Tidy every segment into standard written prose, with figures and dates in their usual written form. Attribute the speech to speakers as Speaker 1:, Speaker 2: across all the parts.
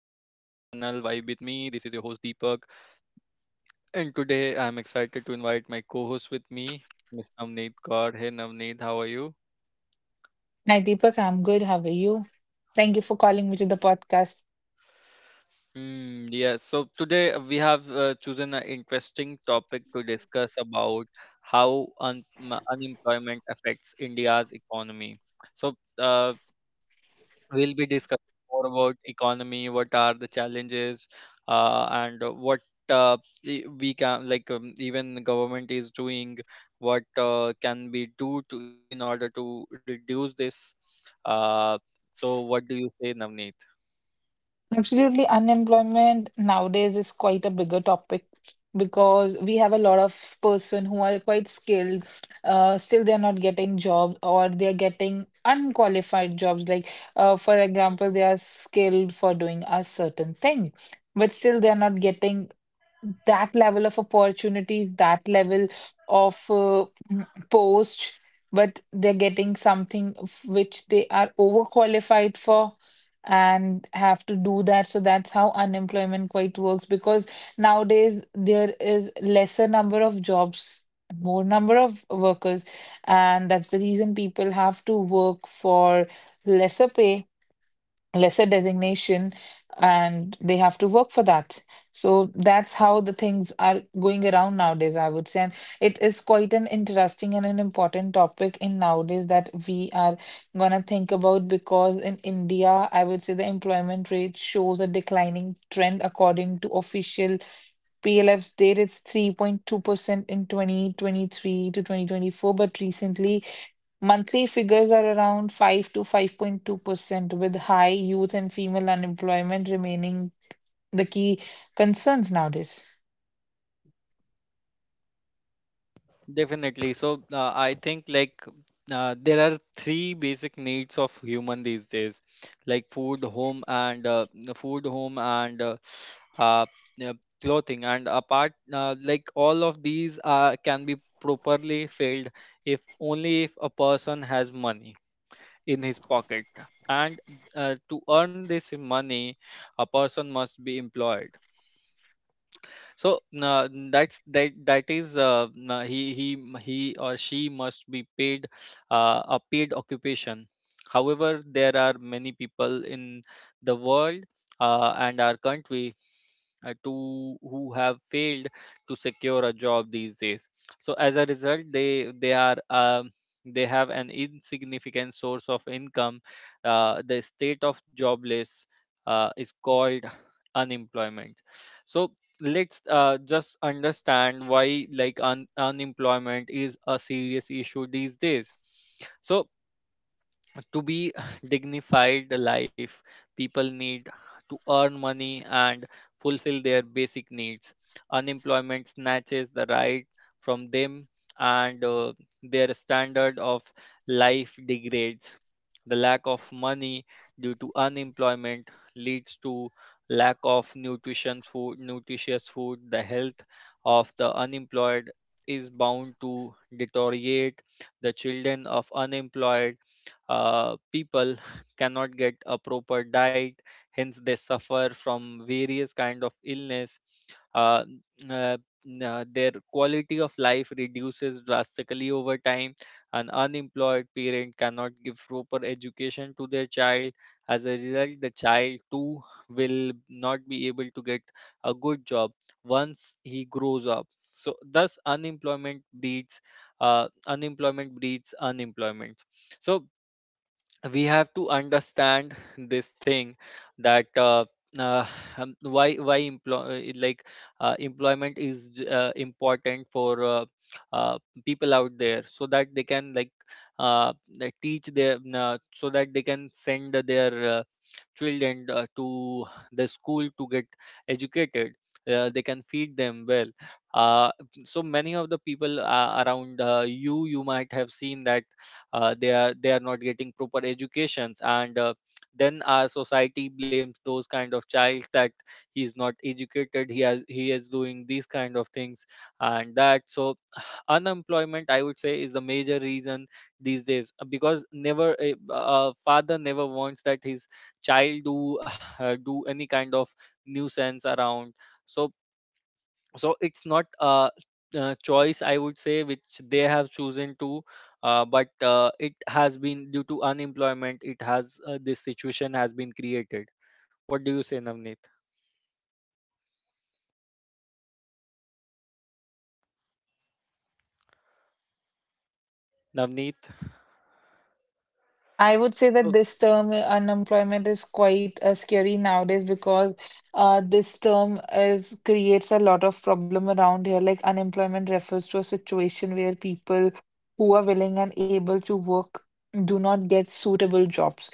Speaker 1: Vibe with me. This is your host Deepak, and today I'm excited to invite my co-host with me, Miss Navneet Kaur. Hey Navneet, how are you?
Speaker 2: Hi, Deepak. I'm good. How are you? Thank you for calling me to the podcast.
Speaker 1: Yeah, so today we have chosen an interesting topic to discuss about how unemployment affects India's economy. So, uh, We'll be discussing more about economy, what are the challenges, and what uh, we can even the government is doing, what can be do to in order to reduce this. Uh, so what do you say, Navneet?
Speaker 2: Absolutely, unemployment nowadays is quite a bigger topic because we have a lot of person who are quite skilled, still they're not getting jobs or they're getting unqualified jobs. Like, for example, they are skilled for doing a certain thing, but still they're not getting that level of opportunity, that level of post, but they're getting something of which they are overqualified for and have to do that. So that's how unemployment quite works because nowadays there is lesser number of jobs, more number of workers, and that's the reason people have to work for lesser pay lesser designation and they have to work for that. So that's how the things are going around nowadays, I would say. And it is quite an interesting and an important topic in nowadays that we are going to think about because in India, I would say, the employment rate shows a declining trend. According to official PLF's data, it's 3.2% in 2023 to 2024, but recently monthly figures are around 5 to 5.2%, with high youth and female unemployment remaining the key concerns nowadays.
Speaker 1: Definitely. I think there are three basic needs of human these days, like food, home, food, home, and uh, yeah, clothing. And apart, like all of these are can be properly filled if only if a person has money in his pocket. And to earn this money, a person must be employed so that is he or she must be paid a paid occupation. However, there are many people in the world and our country to who have failed to secure a job these days. So as a result, they are they have an insignificant source of income. The state of jobless is called unemployment. So let's just understand why like unemployment is a serious issue these days, so to be dignified life, people need to earn money and fulfill their basic needs. Unemployment snatches the right from them, and their standard of life degrades. The lack of money due to unemployment leads to lack of nutrition food nutritious food. The health of the unemployed is bound to deteriorate. The children of unemployed people cannot get a proper diet, hence they suffer from various kind of illness. uh, uh, their quality of life reduces drastically over time. An unemployed parent cannot give proper education to their child. As a result, the child too will not be able to get a good job once he grows up. So thus unemployment breeds unemployment. So we have to understand this thing that uh, why employ like employment is important for uh, people out there, so that they can uh, teach their so that they can send their children to the school to get educated. They can feed them well. uh, so many of the people around, you might have seen that they are not getting proper educations, and then our society blames those kind of child that he's not educated, he is doing these kind of things and that. So unemployment, I would say, is the major reason these days, because never a father never wants that his child do do any kind of nuisance around. So it's not choice I would say, which they have chosen to, but it has been due to unemployment, it has this situation has been created. What do you say, Navneet? navneet
Speaker 2: I would say that
Speaker 1: So
Speaker 2: this term unemployment is quite scary nowadays because this term is creates a lot of problem around here. Like, unemployment refers to a situation where people who are willing and able to work do not get suitable jobs.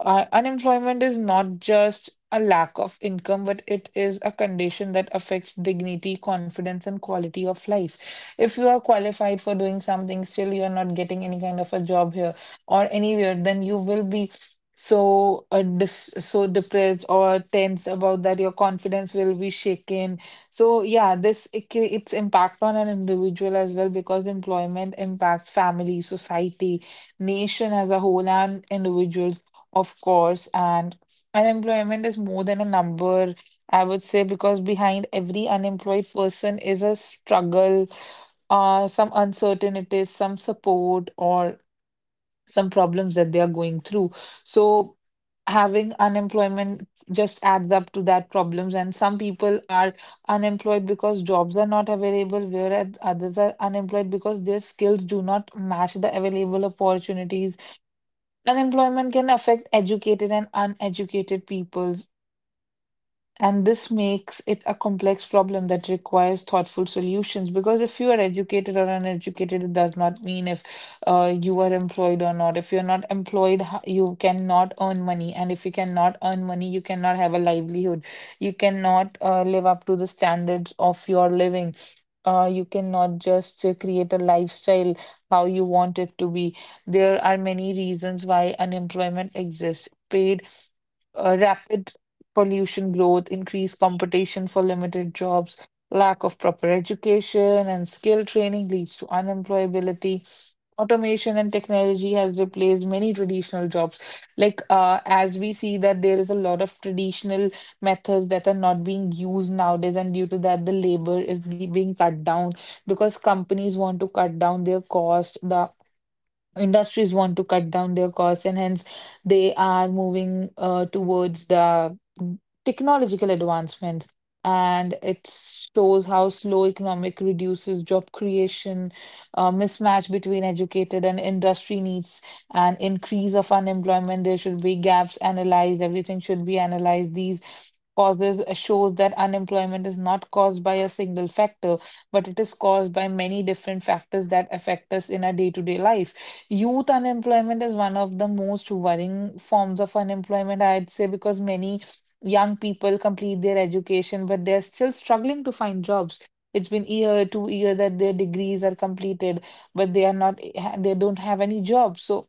Speaker 2: Unemployment is not just a lack of income, but it is a condition that affects dignity, confidence, and quality of life. If you are qualified for doing something, still you are not getting any kind of a job here or anywhere, then you will be so so depressed or tense about that. Your confidence will be shaken. So yeah, this its impact on an individual as well, because employment impacts family, society, nation as a whole, and individuals, of course. And unemployment is more than a number, I would say, because behind every unemployed person is a struggle, some uncertainty, some support, or some problems that they are going through. So having unemployment just adds up to that problems, and some people are unemployed because jobs are not available, whereas others are unemployed because their skills do not match the available opportunities. Unemployment can affect educated and uneducated people, and this makes it a complex problem that requires thoughtful solutions. Because if you are educated or uneducated, it does not mean if you are employed or not. If you're not employed, you cannot earn money. And if you cannot earn money, you cannot have a livelihood. You cannot live up to the standards of your living. You cannot just create a lifestyle how you want it to be. There are many reasons why unemployment exists. Paid Rapid pollution growth, increased competition for limited jobs, lack of proper education and skill training leads to unemployability. Automation and technology has replaced many traditional jobs. Like, as we see that there is a lot of traditional methods that are not being used nowadays, and due to that, the labor is being cut down because companies want to cut down their cost. The industries want to cut down their costs, and hence they are moving towards the technological advancements, and it shows how slow economic reduces job creation, mismatch between educated and industry needs and increase of unemployment. There should be gaps analyzed, everything should be analyzed. These causes shows that unemployment is not caused by a single factor, but it is caused by many different factors that affect us in our day-to-day life. Youth unemployment is one of the most worrying forms of unemployment, I'd say, because many young people complete their education, but they're still struggling to find jobs. It's been year, two year that their degrees are completed, but they are not, they don't have any jobs. So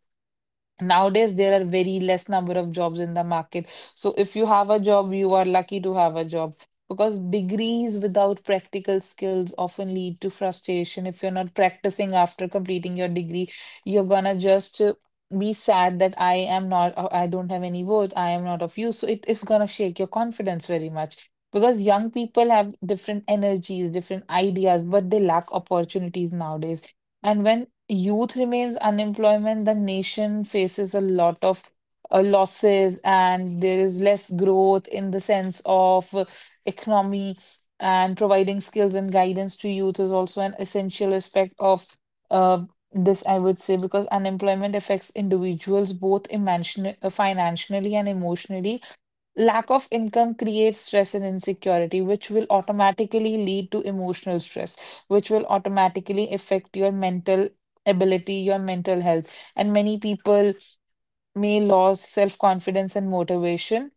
Speaker 2: nowadays, there are very less number of jobs in the market. So if you have a job, you are lucky to have a job, because degrees without practical skills often lead to frustration. If you're not practicing after completing your degree, you're gonna just be sad that I am not, I don't have any worth, I am not of use. So it is gonna shake your confidence very much, because young people have different energies, different ideas, but they lack opportunities nowadays. And when youth remains unemployment, the nation faces a lot of losses, and there is less growth in the sense of economy, and providing skills and guidance to youth is also an essential aspect of uh, this, I would say, because unemployment affects individuals both financially and emotionally. Lack of income creates stress and insecurity, which will automatically lead to emotional stress, which will automatically affect your mental ability, your mental health. And many people may lose self confidence and motivation.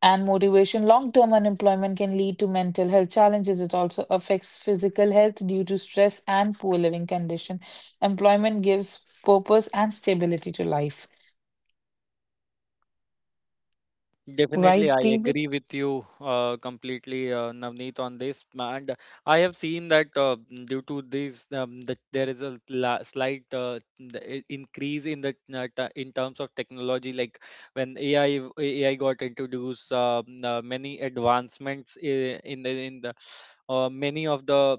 Speaker 2: And motivation, long term unemployment can lead to mental health challenges. It also affects physical health due to stress and poor living condition. Employment gives purpose and stability to life.
Speaker 1: Definitely,
Speaker 2: Right,
Speaker 1: I
Speaker 2: Deep?
Speaker 1: agree with you completely, Navneet, on this. And I have seen that due to this, that there is a la slight increase in the in terms of technology. Like when AI got introduced, many advancements in the many of the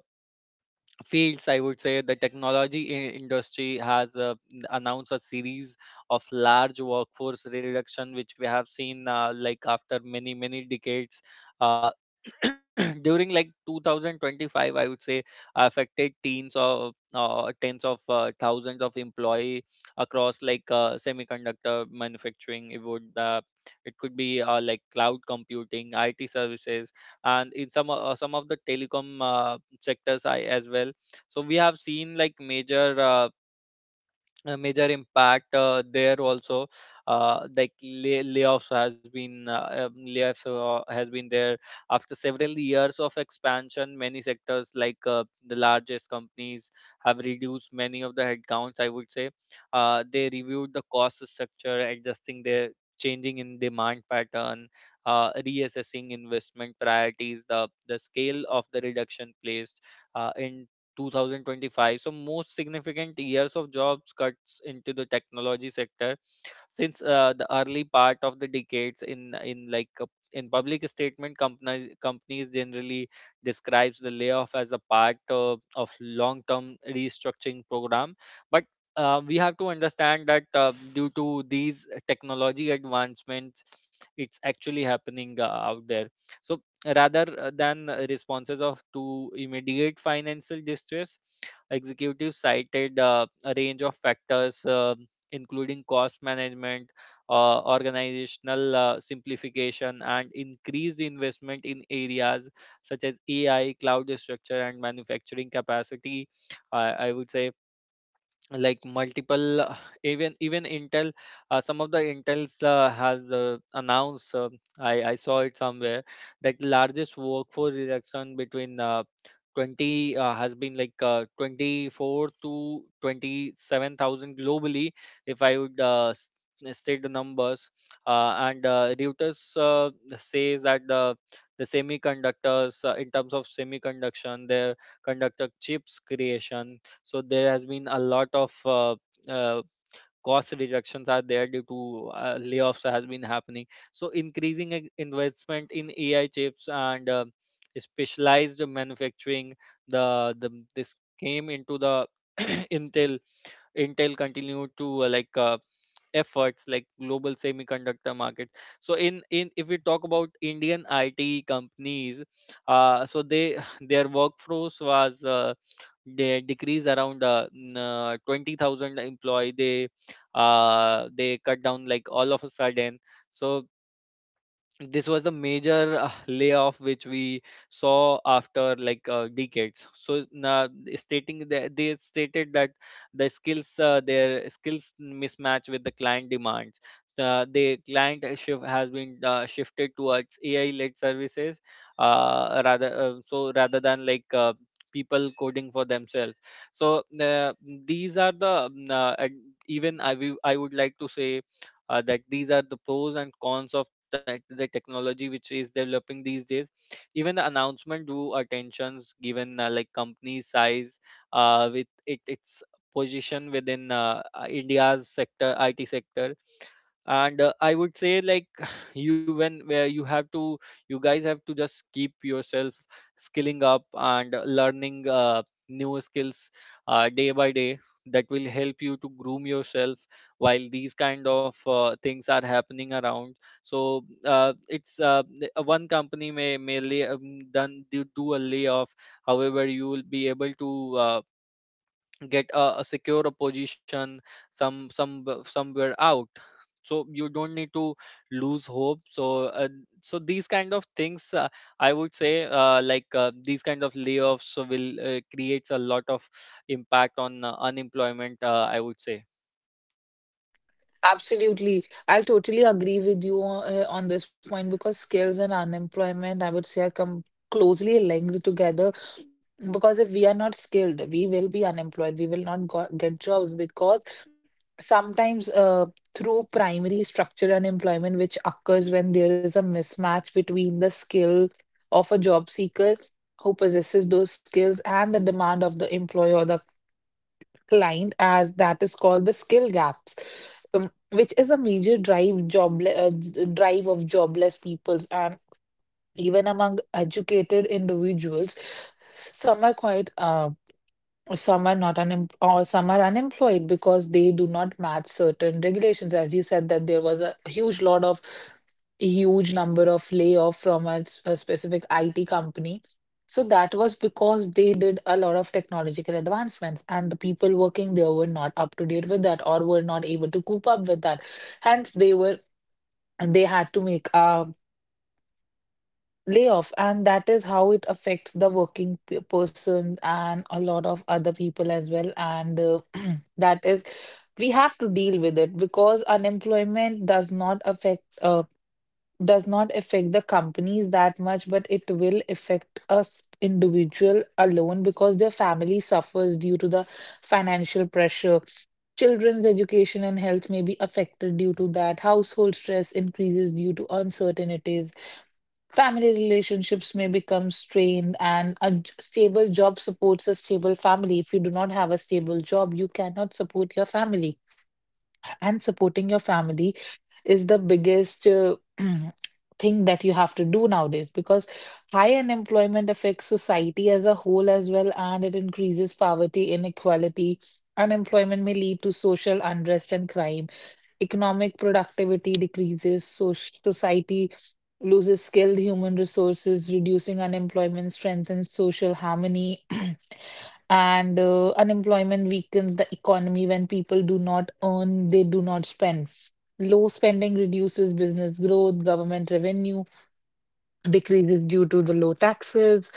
Speaker 1: fields, I would say the technology industry has announced a series of large workforce reduction, which we have seen like after many many decades. uh, During like 2025, I would say, affected teens of tens of thousands of employee across semiconductor manufacturing. It would it could be like cloud computing, it services, and in some of the telecom sectors I, as well. So we have seen like major impact there also, layoffs has been there after several years of expansion. Many sectors like the largest companies have reduced many of the headcounts, I would say. They reviewed the cost structure, adjusting their changing in demand pattern, reassessing investment priorities. The scale of the reduction placed in 2025. So most significant years of jobs cuts into the technology sector since the early part of the decades in in public statement, companies generally describes the layoff as a part of long term restructuring program. But we have to understand that due to these technology advancements, it's actually happening out there. So rather than responses of to immediate financial distress, executives cited a range of factors, including cost management, organizational simplification, and increased investment in areas such as AI, cloud structure, and manufacturing capacity. I would say like multiple even even Intel, some of the Intels has announced, I saw it somewhere that largest workforce reduction between 20 has been like 24 to 27,000 globally, if I would state the numbers. And Reuters says that the semiconductors in terms of semiconductor, their conductor chips creation, so there has been a lot of uh, cost reductions are there due to layoffs has been happening. So increasing investment in AI chips and specialized manufacturing, the this came into the intel Intel continued to efforts like global semiconductor market. So in if we talk about Indian IT companies, so they their workforce was they decreased around 20,000 employee. They cut down like all of a sudden. So this was the major layoff which we saw after like decades. So now stating that they stated that the skills, their skills mismatch with the client demands. The client shift has been shifted towards AI led services rather than people coding for themselves. So these are the and Even I would like to say that these are the pros and cons of the technology which is developing these days. Even the announcement do attentions given like company size with it, its position within india's sector it sector. And I would say like you when where you have to, you guys have to just keep yourself skilling up and learning new skills day by day. That will help you to groom yourself while these kind of things are happening around. So one company may do a layoff. However, you will be able to a secure a position, somewhere out. So you don't need to lose hope. So these kind of things, I would say, these kind of layoffs will creates a lot of impact on unemployment. I would say.
Speaker 2: Absolutely. I will totally agree with you on this point, because skills and unemployment, I would say, are come closely linked together. Because if we are not skilled, we will be unemployed. We will not go get jobs because sometimes through primary structural unemployment, which occurs when there is a mismatch between the skill of a job seeker who possesses those skills and the demand of the employer or the client, as that is called the skill gaps, which is a major drive drive of jobless peoples. And even among educated individuals, some are quite um, some are not unem or some are unemployed because they do not match certain regulations. As you said, that there was a huge lot of huge number of layoff from a specific IT company. So that was because they did a lot of technological advancements, and the people working there were not up to date with that or were not able to cope up with that. Hence, they were they had to make a layoff, and that is how it affects the working person and a lot of other people as well. And that is we have to deal with it, because unemployment does not affect the companies that much, but it will affect us individual alone because their family suffers due to the financial pressure. Children's education and health may be affected due to that. Household stress increases due to uncertainties. Family relationships may become strained, and a stable job supports a stable family. If you do not have a stable job, you cannot support your family. And supporting your family is the biggest thing that you have to do nowadays, because high unemployment affects society as a whole as well, and it increases poverty, inequality. Unemployment may lead to social unrest and crime. Economic productivity decreases, so society loses skilled human resources. Reducing unemployment strengthens social harmony, and unemployment weakens the economy. When people do not earn, they do not spend. Low spending reduces business growth, government revenue decreases due to the low taxes.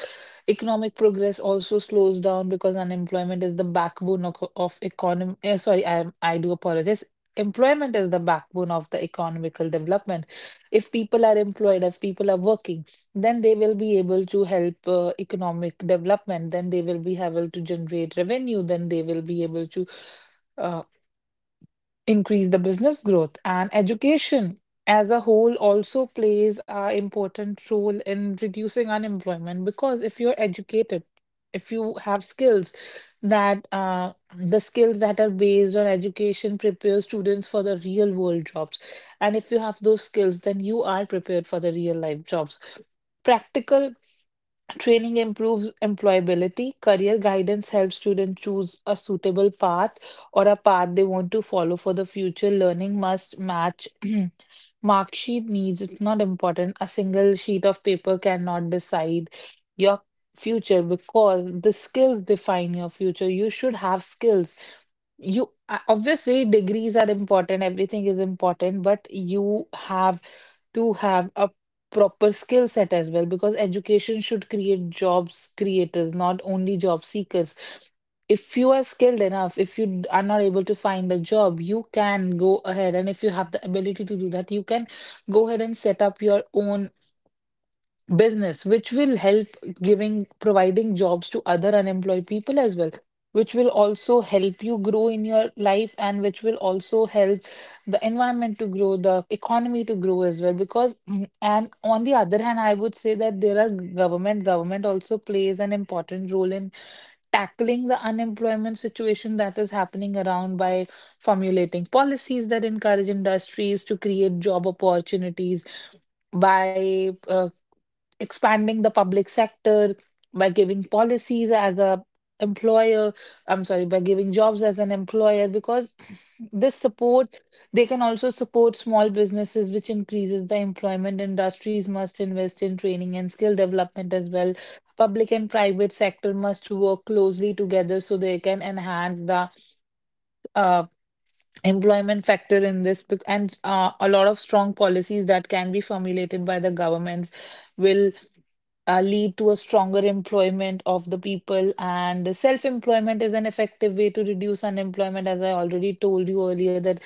Speaker 2: Economic progress also slows down because unemployment is the backbone of economy. Sorry, I do apologize. Employment is the backbone of the economical development. If people are employed, if people are working, then they will be able to help economic development. Then they will be able to generate revenue. Then they will be able to uh, increase the business growth. And education as a whole also plays a important role in reducing unemployment, because if you're educated, if you have skills that the skills that are based on education prepare students for the real world jobs. And if you have those skills, then you are prepared for the real life jobs. Practical training improves employability. Career guidance helps students choose a suitable path or a path they want to follow for the future. Learning must match mark sheet needs. It's not important. A single sheet of paper cannot decide your future, because the skills define your future. You should have skills. You obviously degrees are important, everything is important, but you have to have a proper skill set as well because education should create jobs creators not only job seekers. If you are skilled enough, if you are not able to find a job, you can go ahead, and if you have the ability to do that, you can go ahead and set up your own business, which will help giving providing jobs to other unemployed people as well, which will also help you grow in your life and which will also help the environment to grow, the economy to grow as well because and on the other hand, I would say that there are government also plays an important role in tackling the unemployment situation that is happening around by formulating policies that encourage industries to create job opportunities, by expanding the public sector, by giving policies as a employer, I'm sorry, by giving jobs as an employer because this support, they can also support small businesses, which increases the employment. Industries must invest in training and skill development as well. Public and private sector must work closely together so they can enhance the uh, employment factor in this bec- and A lot of strong policies that can be formulated by the governments will lead to a stronger employment of the people. And self employment is an effective way to reduce unemployment, as I already told you earlier, that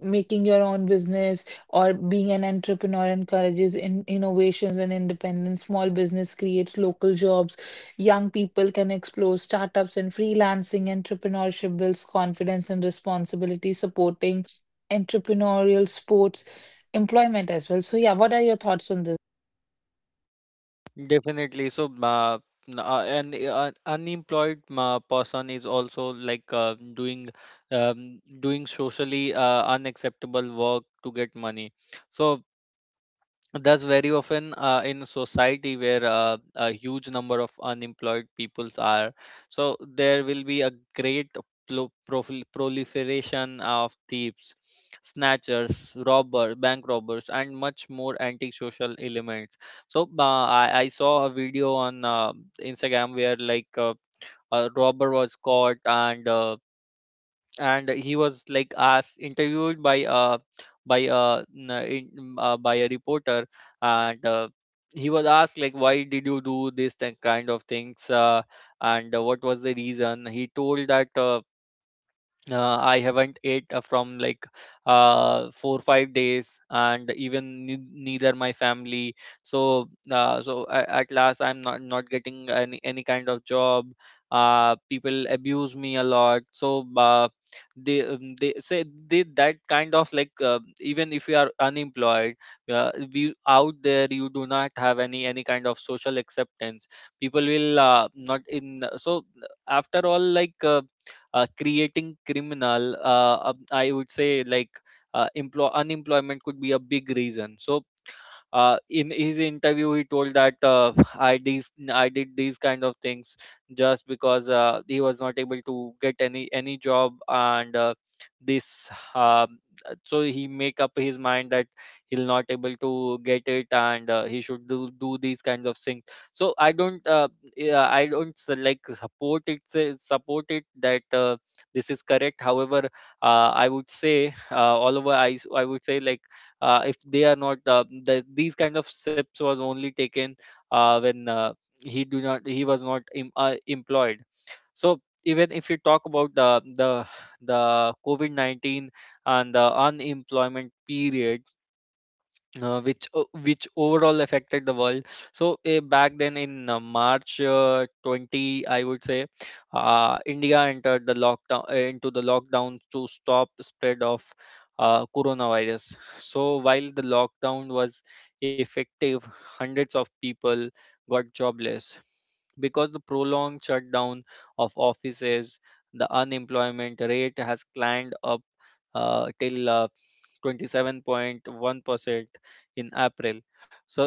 Speaker 2: making your own business or being an entrepreneur encourages in innovations and independence. Small business creates local jobs. Young people can explore startups and freelancing. Entrepreneurship builds confidence and responsibility, supporting entrepreneurial sports employment as well. So, yeah, what are your thoughts on this, Deepak?
Speaker 1: Definitely. So, n- an unemployed person is also like doing socially unacceptable work to get money. So, thus, very often in society where a huge number of unemployed peoples are, so there will be a great proliferation of thieves, snatchers, robber, bank robbers, and much more antisocial elements. So I saw a video on Instagram where a robber was caught, and he was like asked, interviewed by n- in, by a reporter, and he was asked like why did you do this kind of things, and what was the reason. He told that I haven't ate from like four five days, and even neither my family. So at last, I'm not getting any kind of job. People abuse me a lot. So they say they that kind of like, even if you are unemployed, we out there, you do not have any kind of social acceptance. People will not in. So after all like. Creating criminal, I would say, like, employ unemployment could be a big reason. So in his interview he told that I did these kind of things just because he was not able to get any job, and this. Um, uh, so he make up his mind that he'll not able to get it, and he should do these kinds of things. So I don't, yeah, I don't like support it, support it that this is correct. However, I would say, all over I would say, like, if they are not, these kind of steps was only taken when he was not employed. So even if you talk about the COVID-19 and the unemployment period, which overall affected the world. So back then in March 20, I would say, India entered the lockdown into the lockdown to stop spread of coronavirus. So while the lockdown was effective, hundreds of people got jobless because the prolonged shutdown of offices, the unemployment rate has climbed up till 27.1% in April. So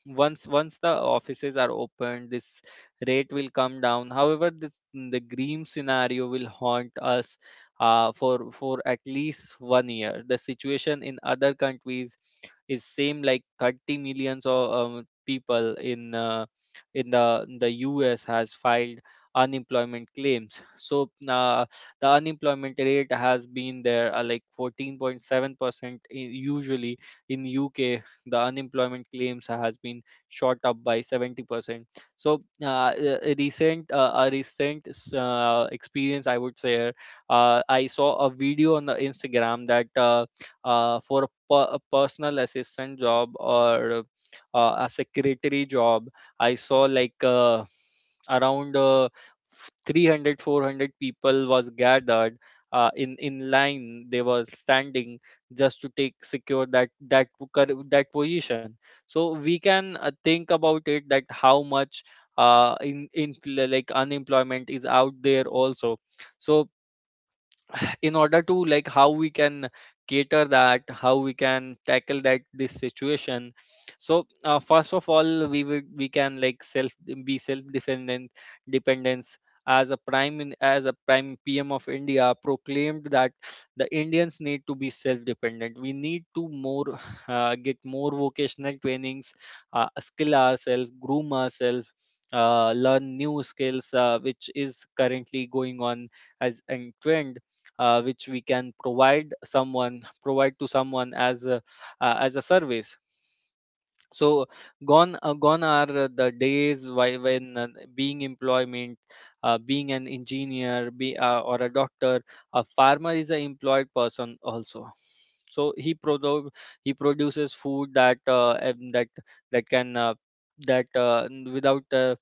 Speaker 1: once the offices are opened, this rate will come down. However, this the green scenario will haunt us for at least 1 year. The situation in other countries is same, like 30 millions of people in in the US has filed unemployment claims. So the unemployment rate has been there like 14.7% usually. In UK, the unemployment claims has been shot up by 70%. So a recent experience, I would say, I saw a video on the Instagram that for a personal assistant job or a secretary job, I saw like around 300 400 people was gathered in line. They were standing just to take, secure that position. So we can think about it, that how much in, like, unemployment is out there also. So in order to, like, how we can cater that, how we can tackle that, this situation. So first of all we can, like, self be self dependent, dependence, as a prime PM of India proclaimed that the Indians need to be self dependent. We need to more get more vocational trainings, skill ourselves, groom ourselves, learn new skills, which is currently going on as a trend, which we can provide to someone as a service. So gone are the days when, being employment being an engineer, or a doctor. A farmer is an employed person also. So he produces food that can, without uh,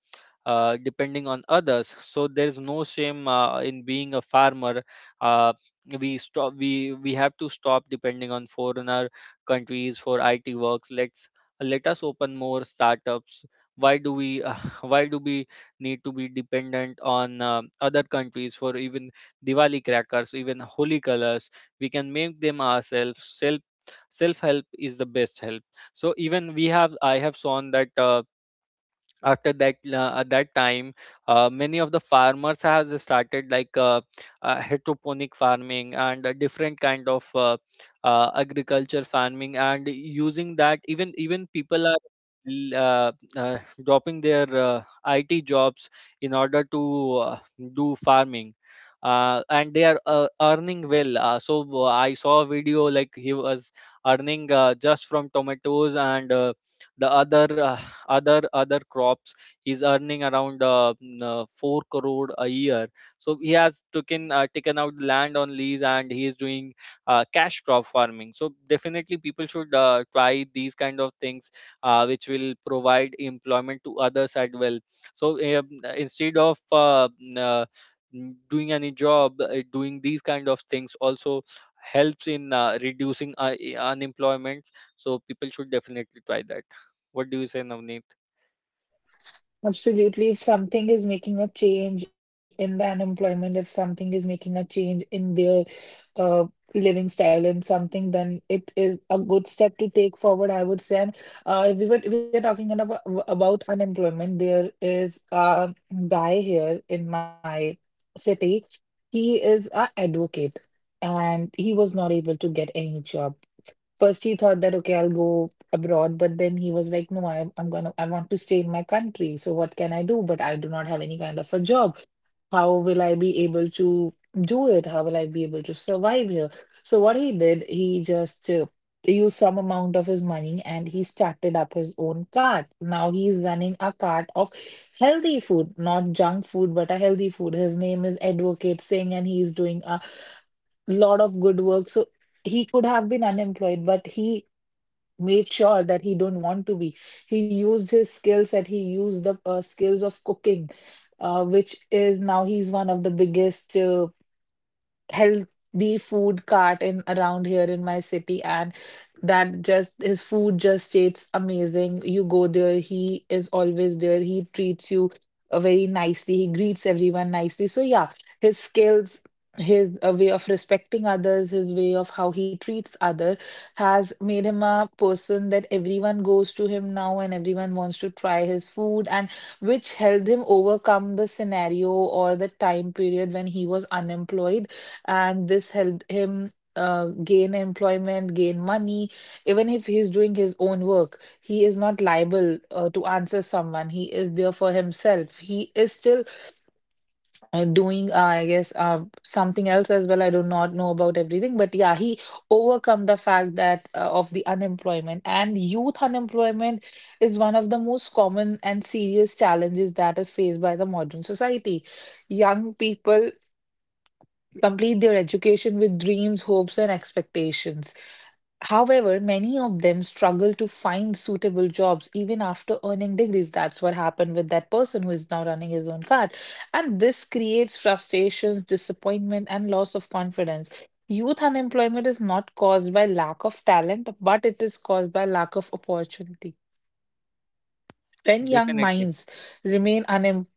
Speaker 1: uh, depending on others. So there is no shame in being a farmer. uh, we have to stop depending on foreigner countries for it works. Let us open more startups. Why do we Why do we need to be dependent on other countries for even Diwali crackers, even holy colors? We can make them ourselves. Self help is the best help. So even we have I have shown that after that, at that time, many of the farmers has started, like, hydroponic farming and a different kind of agriculture farming, and using that, even people are l- uh, uh, dropping their IT jobs in order to do farming. And they are earning well. I saw a video, like, he was earning just from tomatoes and the other other other crops. He's earning around 4 crore a year. So he has taken out land on lease and he is doing cash crop farming. So definitely people should try these kind of things, which will provide employment to others as well. So instead of doing any job, doing these kind of things also helps in reducing unemployment. So people should definitely try that. What do you say, Navneet?
Speaker 2: Absolutely. If something is making a change in the unemployment, if something is making a change in their uh, living style and something, then it is a good step to take forward, I would say. And if we are talking about unemployment, there is a guy here in my city. He is a advocate, and he was not able to get any job. First, he thought that, okay, I'll go abroad, but then he was like, no, I'm gonna, I want to stay in my country. So what can I do? But I do not have any kind of a job. How will I be able to do it? How will I be able to survive here? So what he did, he just used some amount of his money and he started up his own cart. Now he's running a cart of healthy food, not junk food, but a healthy food. His name is Advocate Singh, and he's doing a lot of good work. So he could have been unemployed, but he made sure that he don't want to be he used his skills set, he used the skills of cooking, which is now he's one of the biggest healthy food cart in around here in my city. And that, just his food just tastes amazing. You go there, he is always there, he treats you very nicely, he greets everyone nicely, so yeah, his skills, his way of respecting others, his way of how he treats other has made him a person that everyone goes to him now and everyone wants to try his food, and which helped him overcome the scenario or the time period when he was unemployed, and this helped him gain employment, gain money. Even if he's doing his own work, he is not liable to answer someone. He is there for himself. He is still doing, I guess, something else as well. I do not know about everything, but yeah, he overcome the fact that of the unemployment. And youth unemployment is one of the most common and serious challenges that is faced by the modern society. Young people complete their education with dreams, hopes, and expectations. However, many of them struggle to find suitable jobs even after earning degrees. That's what happened with that person who is now running his own cart. And this creates frustrations, disappointment, and loss of confidence. Youth unemployment is not caused by lack of talent, but it is caused by lack of opportunity. When young
Speaker 1: Definitely.
Speaker 2: minds remain unemployed.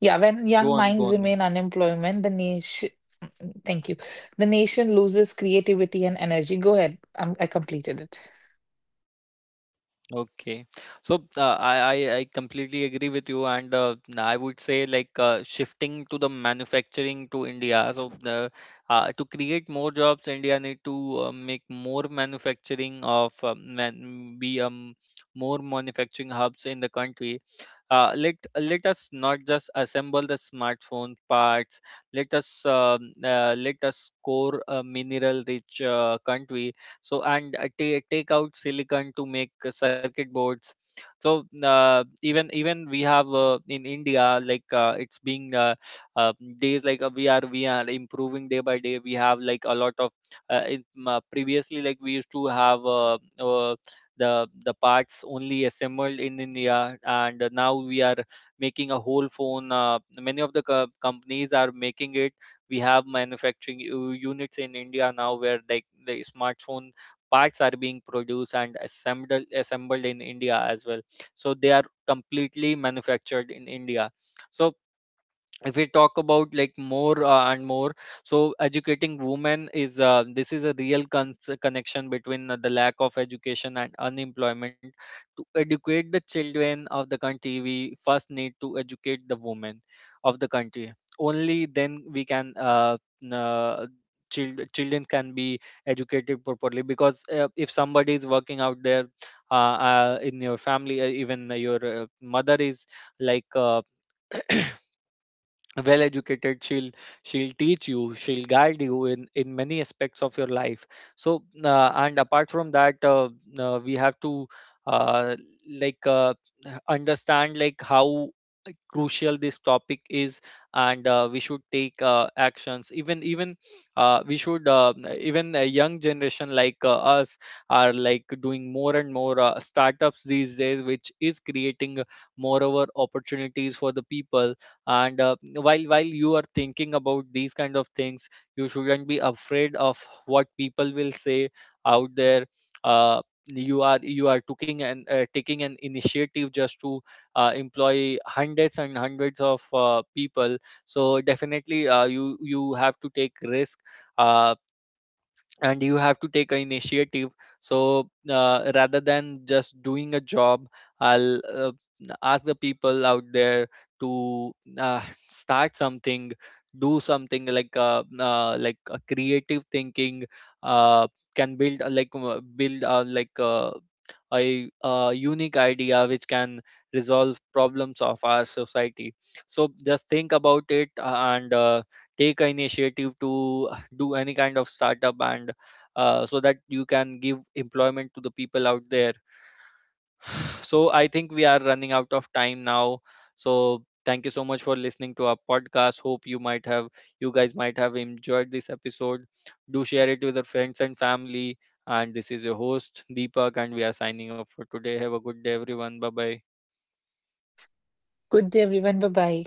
Speaker 2: Yeah, when
Speaker 1: Go
Speaker 2: young
Speaker 1: on, go
Speaker 2: minds
Speaker 1: on, man.
Speaker 2: remain unemployment, the nation, thank you, the nation loses creativity and energy. Go ahead. I completed it.
Speaker 1: Okay. So I completely agree with you, and I would say, like, shifting to the manufacturing to India. So the to create more jobs, India need to make more manufacturing of man, be more manufacturing hubs in the country. Let us not just assemble the smartphone parts. Let us core a mineral rich country, so and take out silicon to make circuit boards. So even we have, in India, like, it's being uh, days, like, we are improving day by day. We have, like, a lot of previously, like, we used to have the parts only assembled in India, and now we are making a whole phone. Many of the companies are making it. We have manufacturing units in India now, where, like, the smartphone parts are being produced and assembled in India as well. So they are completely manufactured in India. So if we talk about, like, more and more so educating women is, this is a real connection between the lack of education and unemployment. To educate the children of the country, we first need to educate the women of the country. Only then we can, n- uh, children can be educated properly, because if somebody is working out there, uh, in your family, even your mother is, like, well educated, she'll teach you, she'll guide you in many aspects of your life. So and apart from that, we have to, uh, like uh, understand, like, how, like, crucial this topic is. And we should take actions. Even even we should Even a young generation like us are, like, doing more and more startups these days, which is creating, moreover, opportunities for the people. And while you are thinking about these kind of things, you shouldn't be afraid of what people will say out there. uh, you are taking an, taking an initiative just to employ hundreds and hundreds of people. So definitely you have to take risk, uh, and you have to take an initiative. So rather than just doing a job, I'll ask the people out there to uh, start something, do something, like, like a creative thinking uh, can build a- like build like a unique idea which can resolve problems of our society. So just think about it, and take an initiative to do any kind of startup, and so that you can give employment to the people out there. So I think we are running out of time now. So thank you so much for listening to our podcast. Hope you guys might have enjoyed this episode. Do share it with your friends and family. And this is your host, Deepak, and we are signing off for today. Have a good day everyone. Bye bye.
Speaker 2: Good day, everyone. Bye bye.